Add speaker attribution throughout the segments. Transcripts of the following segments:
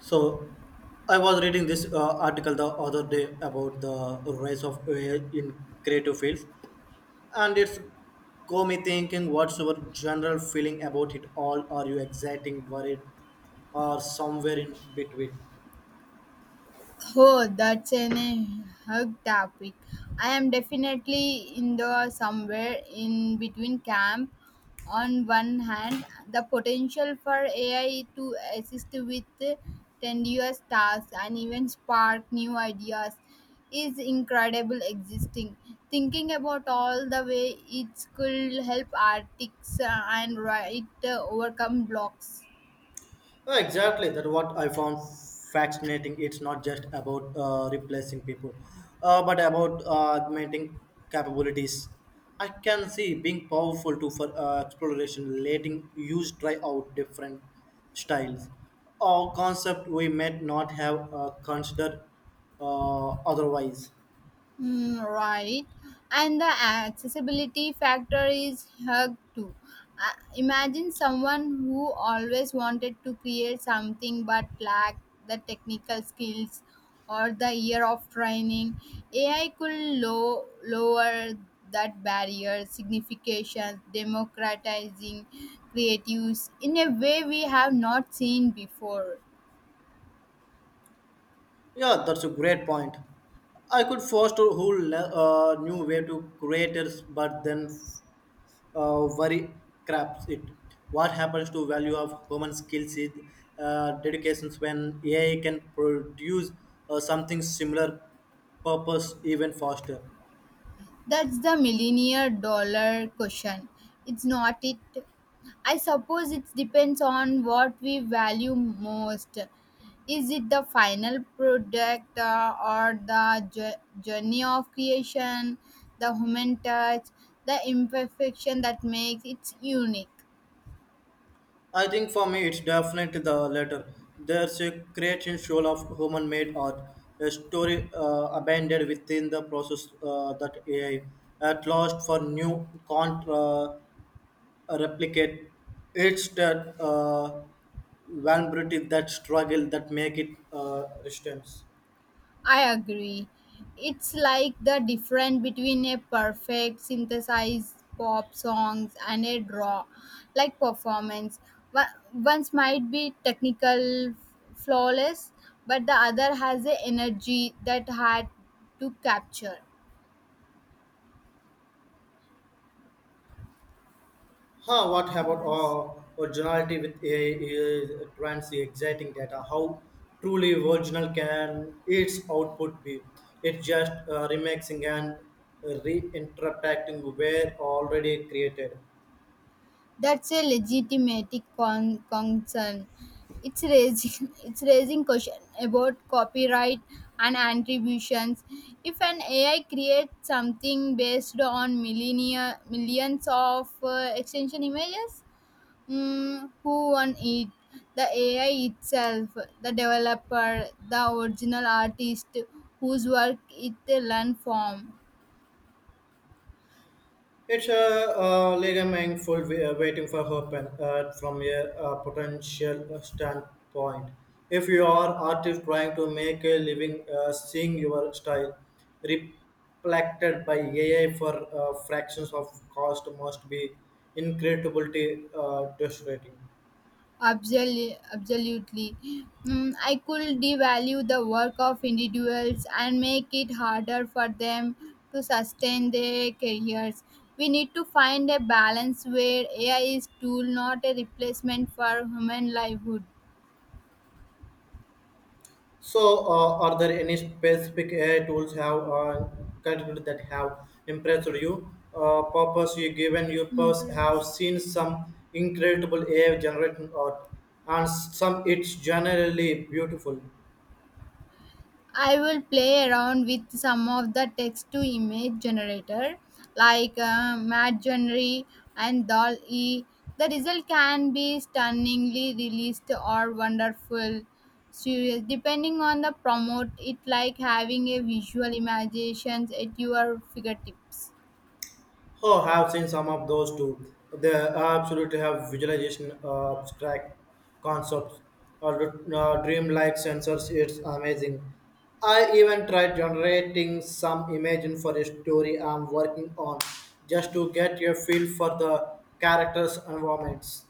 Speaker 1: So I was reading this article the other day about the rise of AI in creative fields, and it's got me thinking. What's your general feeling about it all? Are you exciting, worried, or somewhere in between?
Speaker 2: Oh, that's an a hug topic. I am definitely in the somewhere in between camp. On one hand, the potential for AI to assist with tedious tasks and even spark new ideas is incredible existing. Thinking about all the way it could help artists and write overcome blocks.
Speaker 1: Exactly, that what I found fascinating. It's not just about replacing people, but about augmenting capabilities. I can see being powerful too for exploration, letting use try out different styles or concept we might not have considered otherwise.
Speaker 2: Mm, right. And the accessibility factor is huge too. Imagine someone who always wanted to create something but lacked the technical skills or the year of training. AI could lower that barrier, signification, democratizing creatives in a way we have not seen before.
Speaker 1: Yeah, that's a great point. I could foster a whole new way to creators, but then worry craps it. What happens to value of human skills is dedications when AI can produce something similar purpose even faster.
Speaker 2: That's the millionaire dollar question. It's not it. I suppose it depends on what we value most. Is it the final product or the journey of creation, the human touch, the imperfection that makes it unique?
Speaker 1: I think for me it's definitely the latter. There's a great show of human made art, a story abandoned within the process that AI at last for new can't replicate. It's that vulnerability, that struggle that make it resistance.
Speaker 2: I agree. It's like the difference between a perfect synthesized pop songs and a draw like performance. Once might be technical flawless, but the other has a energy that had to capture.
Speaker 1: Huh, what about
Speaker 2: Yes.
Speaker 1: originality with AI trans exciting data? How truly original can its output be? It's just remixing and reinterpreting where already created.
Speaker 2: That's a legitimate concern. It's raising it's raising question about copyright and attributions. If an AI creates something based on millennia millions of extension images, mm, who won it? The AI itself, the developer, the original artist whose work it learned from.
Speaker 1: It's a ligament full waiting for open from a potential standpoint. If you are artist trying to make a living, seeing your style reflected by AI for fractions of cost must be incredibly frustrating.
Speaker 2: Absolutely, absolutely. Mm, I could devalue the work of individuals and make it harder for them to sustain their careers. We need to find a balance where AI is tool, not a replacement for human livelihood.
Speaker 1: So, are there any specific AI tools have contributed that have impressed you? Purpose you given you have
Speaker 2: Impressed.
Speaker 1: seen some incredible AI generating art, and some it's generally beautiful.
Speaker 2: I will play around with some of the text to image generator like Midjourney and Dall E. The result can be stunningly released or wonderful. Serious, depending on the promote, it like having a visual imagination at your fingertips.
Speaker 1: Oh, I have seen some of those too. They absolutely have visualization, abstract concepts, or dreamlike sensors. It's amazing. I even tried generating some imagine for a story I'm working on, just to get a feel for the characters' environments.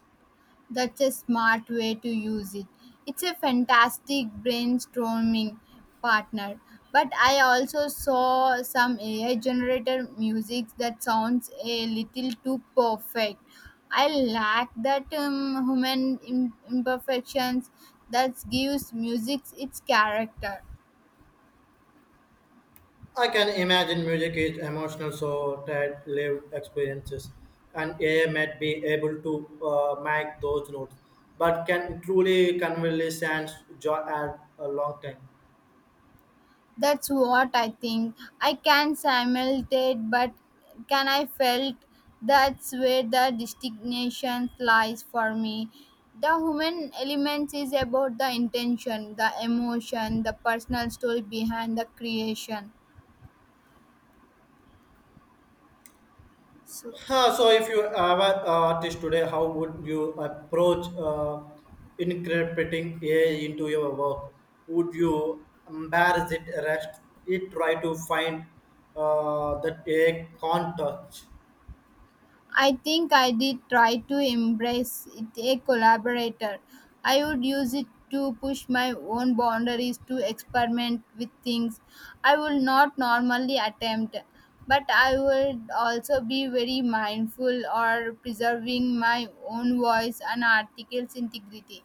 Speaker 2: That's a smart way to use it. It's a fantastic brainstorming partner. But I also saw some AI generated music that sounds a little too perfect. I lack that human imperfections that gives music its character.
Speaker 1: I can imagine music is emotional, so that lived experiences, and AI might be able to make those notes, but can truly convey sense joy at a long time.
Speaker 2: That's what I think. I can simulate, but can I felt that's where the distinction lies for me. The human element is about the intention, the emotion, the personal story behind the creation. So.
Speaker 1: Huh, so, if you were an artist today, how would you approach incorporating AI into your work? Would you embrace it, arrest it, try to find that AI can't touch?
Speaker 2: I think I did try to embrace it a collaborator. I would use it to push my own boundaries to experiment with things I would not normally attempt. But I would also be very mindful or preserving my own voice and article's integrity.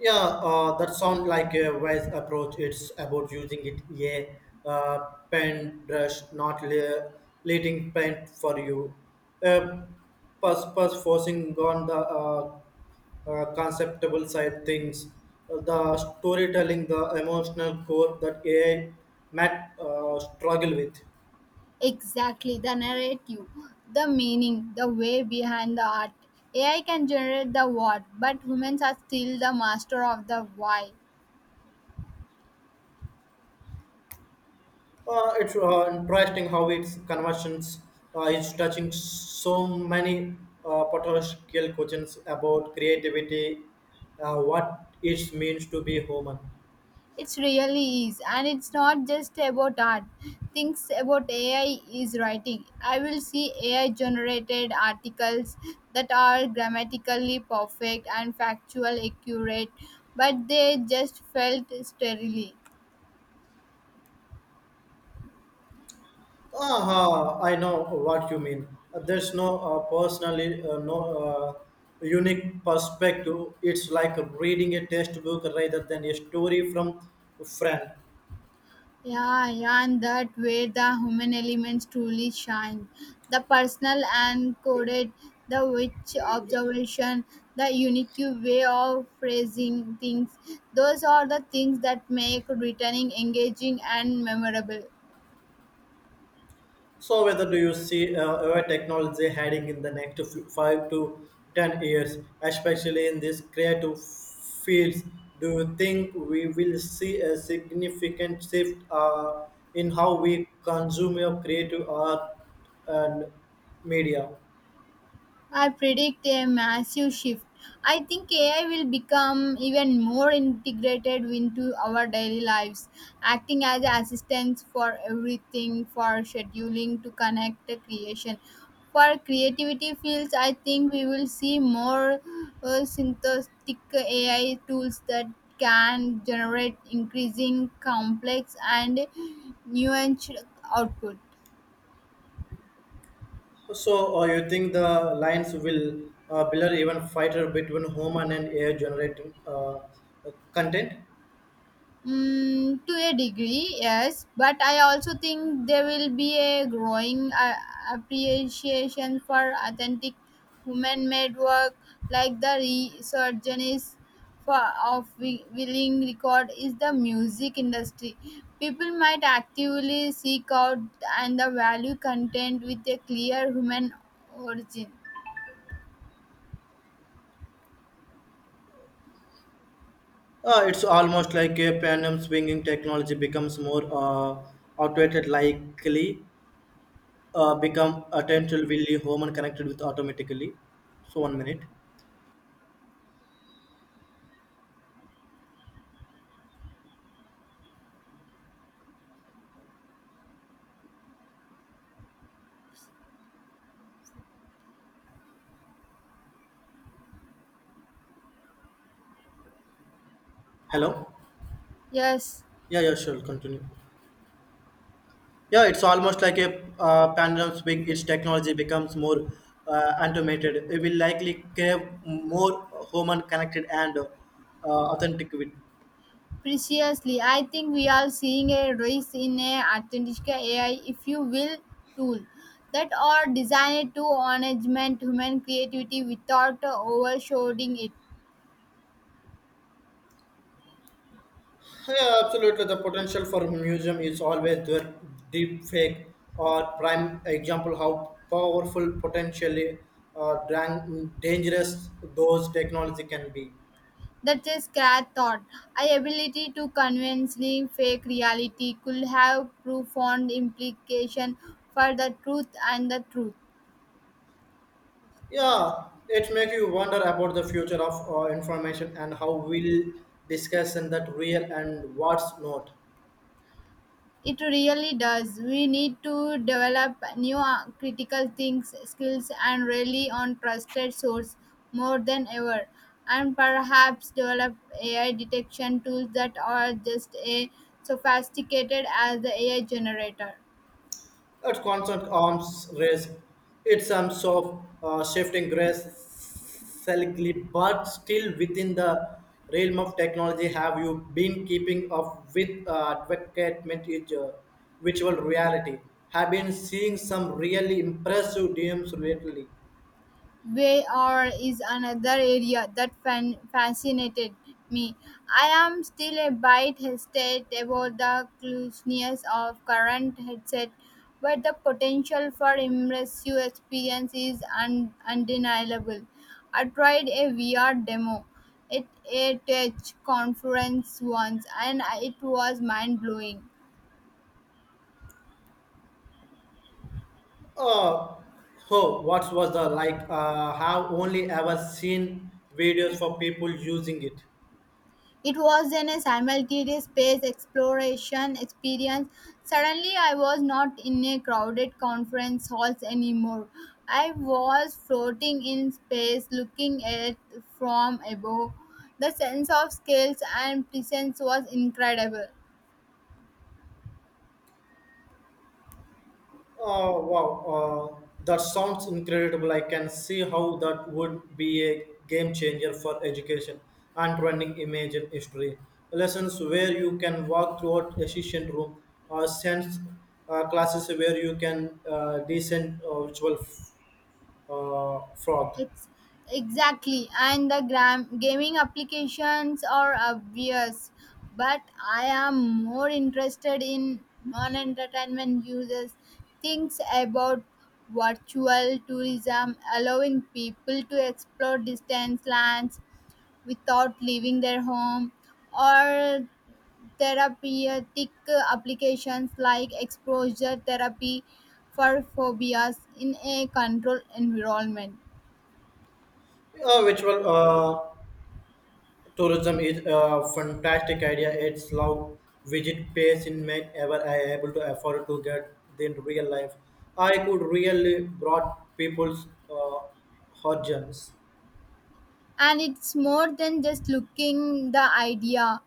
Speaker 1: Yeah, that sounds like a wise approach. It's about using it a paint brush, not letting paint for you. Uh, Purpose forcing on the conceptual side things, the storytelling, the emotional core that AI might struggle with.
Speaker 2: Exactly, the narrative, the meaning, the way behind the art. AI can generate the what, but humans are still the master of the why.
Speaker 1: It's interesting how its conversions is touching so many potential questions about creativity, what it means to be human.
Speaker 2: It really is, and it's not just about art. Things about AI is writing. I will see AI generated articles that are grammatically perfect and factual accurate, but they just felt sterile.
Speaker 1: Ah, I know what you mean. There's no personally no unique perspective. It's like reading a textbook rather than a story from a friend.
Speaker 2: Yeah, yeah, and that way the human elements truly shine. The personal and coded, the witch observation, the unique way of phrasing things. Those are the things that make returning engaging and memorable.
Speaker 1: So, whether do you see our technology heading in the next 5 to 10 years, especially in these creative fields? Do you think we will see a significant shift in how we consume your creative art and media?
Speaker 2: I predict a massive shift. I think AI will become even more integrated into our daily lives, acting as assistants for everything, for scheduling to connect the creation. For creativity fields, I think we will see more synthetic AI tools that can generate increasing complex and nuanced output.
Speaker 1: So, you think the lines will blur even fighter between human and AI generated content?
Speaker 2: Mm, to a degree, yes, but I also think there will be a growing appreciation for authentic human-made work, like the resurgence for of willing record is the music industry. People might actively seek out and the value content with a clear human origin.
Speaker 1: It's almost like a pendulum swinging technology becomes more automated, likely become attentional will be human connected with automatically. So 1 minute. Hello.
Speaker 2: Yes.
Speaker 1: Yeah, yeah, sure. Continue. Yeah, it's almost like a pendulum swing. Its technology becomes more automated. It will likely crave more human connected and authentic with.
Speaker 2: Preciously, I think we are seeing a rise in a authentic AI, if you will, tool that are designed to management human creativity without overshadowing it.
Speaker 1: Yeah, absolutely. The potential for museum is always there. Deep fake or prime example how powerful, potentially dangerous those technology can be.
Speaker 2: That's a scratch thought. Our ability to convincingly fake reality could have profound implication for the truth and the truth.
Speaker 1: Yeah, it makes you wonder about the future of information and how we'll discuss in that real and what's not.
Speaker 2: It really does. We need to develop new critical things, skills, and rely on trusted source more than ever. And perhaps develop AI detection tools that are just as sophisticated as the AI generator.
Speaker 1: At constant arms race. It's some sort of shifting gradually, but still within the realm of technology. Have you been keeping up with advancement in virtual reality? Have been seeing some really impressive DMs lately.
Speaker 2: VR is another area that fascinated me. I am still a bit hesitant about the cluelessness of current headset, but the potential for immersive experience is undeniable. I tried a VR demo at a tech conference once, and it was mind blowing.
Speaker 1: Uh, oh, what was the like? Have only ever seen videos for people using it.
Speaker 2: It was then a simultaneous space exploration experience. Suddenly, I was not in a crowded conference halls anymore. I was floating in space, looking at from above. The sense of scales and presence was incredible.
Speaker 1: Wow, that sounds incredible. I can see how that would be a game changer for education and running image and history. Lessons where you can walk throughout a session room or sense classes where you can descend virtual frog.
Speaker 2: It's exactly, and the gaming applications are obvious, but I am more interested in non-entertainment users. Things about virtual tourism, allowing people to explore distant lands without leaving their home, or therapeutic applications like exposure therapy for phobias in a controlled environment.
Speaker 1: Virtual tourism is a fantastic idea. It's low visit pays in men ever I able to afford to get in real life. I could really brought people's horizons.
Speaker 2: And it's more than just looking the idea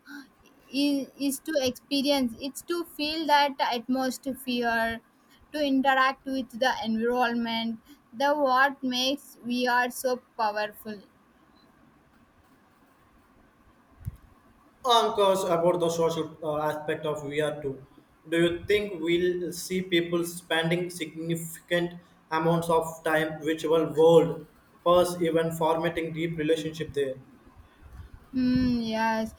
Speaker 2: is to experience it's to feel that atmosphere to interact with the environment the what makes we are so powerful.
Speaker 1: I'm about the social aspect of VR too. Do you think we'll see people spending significant amounts of time virtual world, first even formatting deep relationship there?
Speaker 2: Hmm. Yes,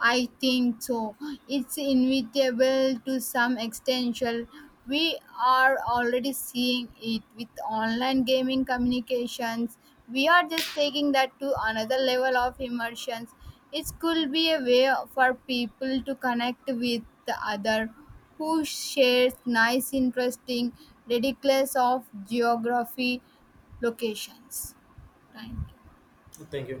Speaker 2: I think so. It's inevitable to some extension. We are already seeing it with online gaming communications. We are just taking that to another level of immersions. It could be a way for people to connect with the other who shares nice, interesting, ridiculous of geography locations. Thank you.
Speaker 1: Thank you.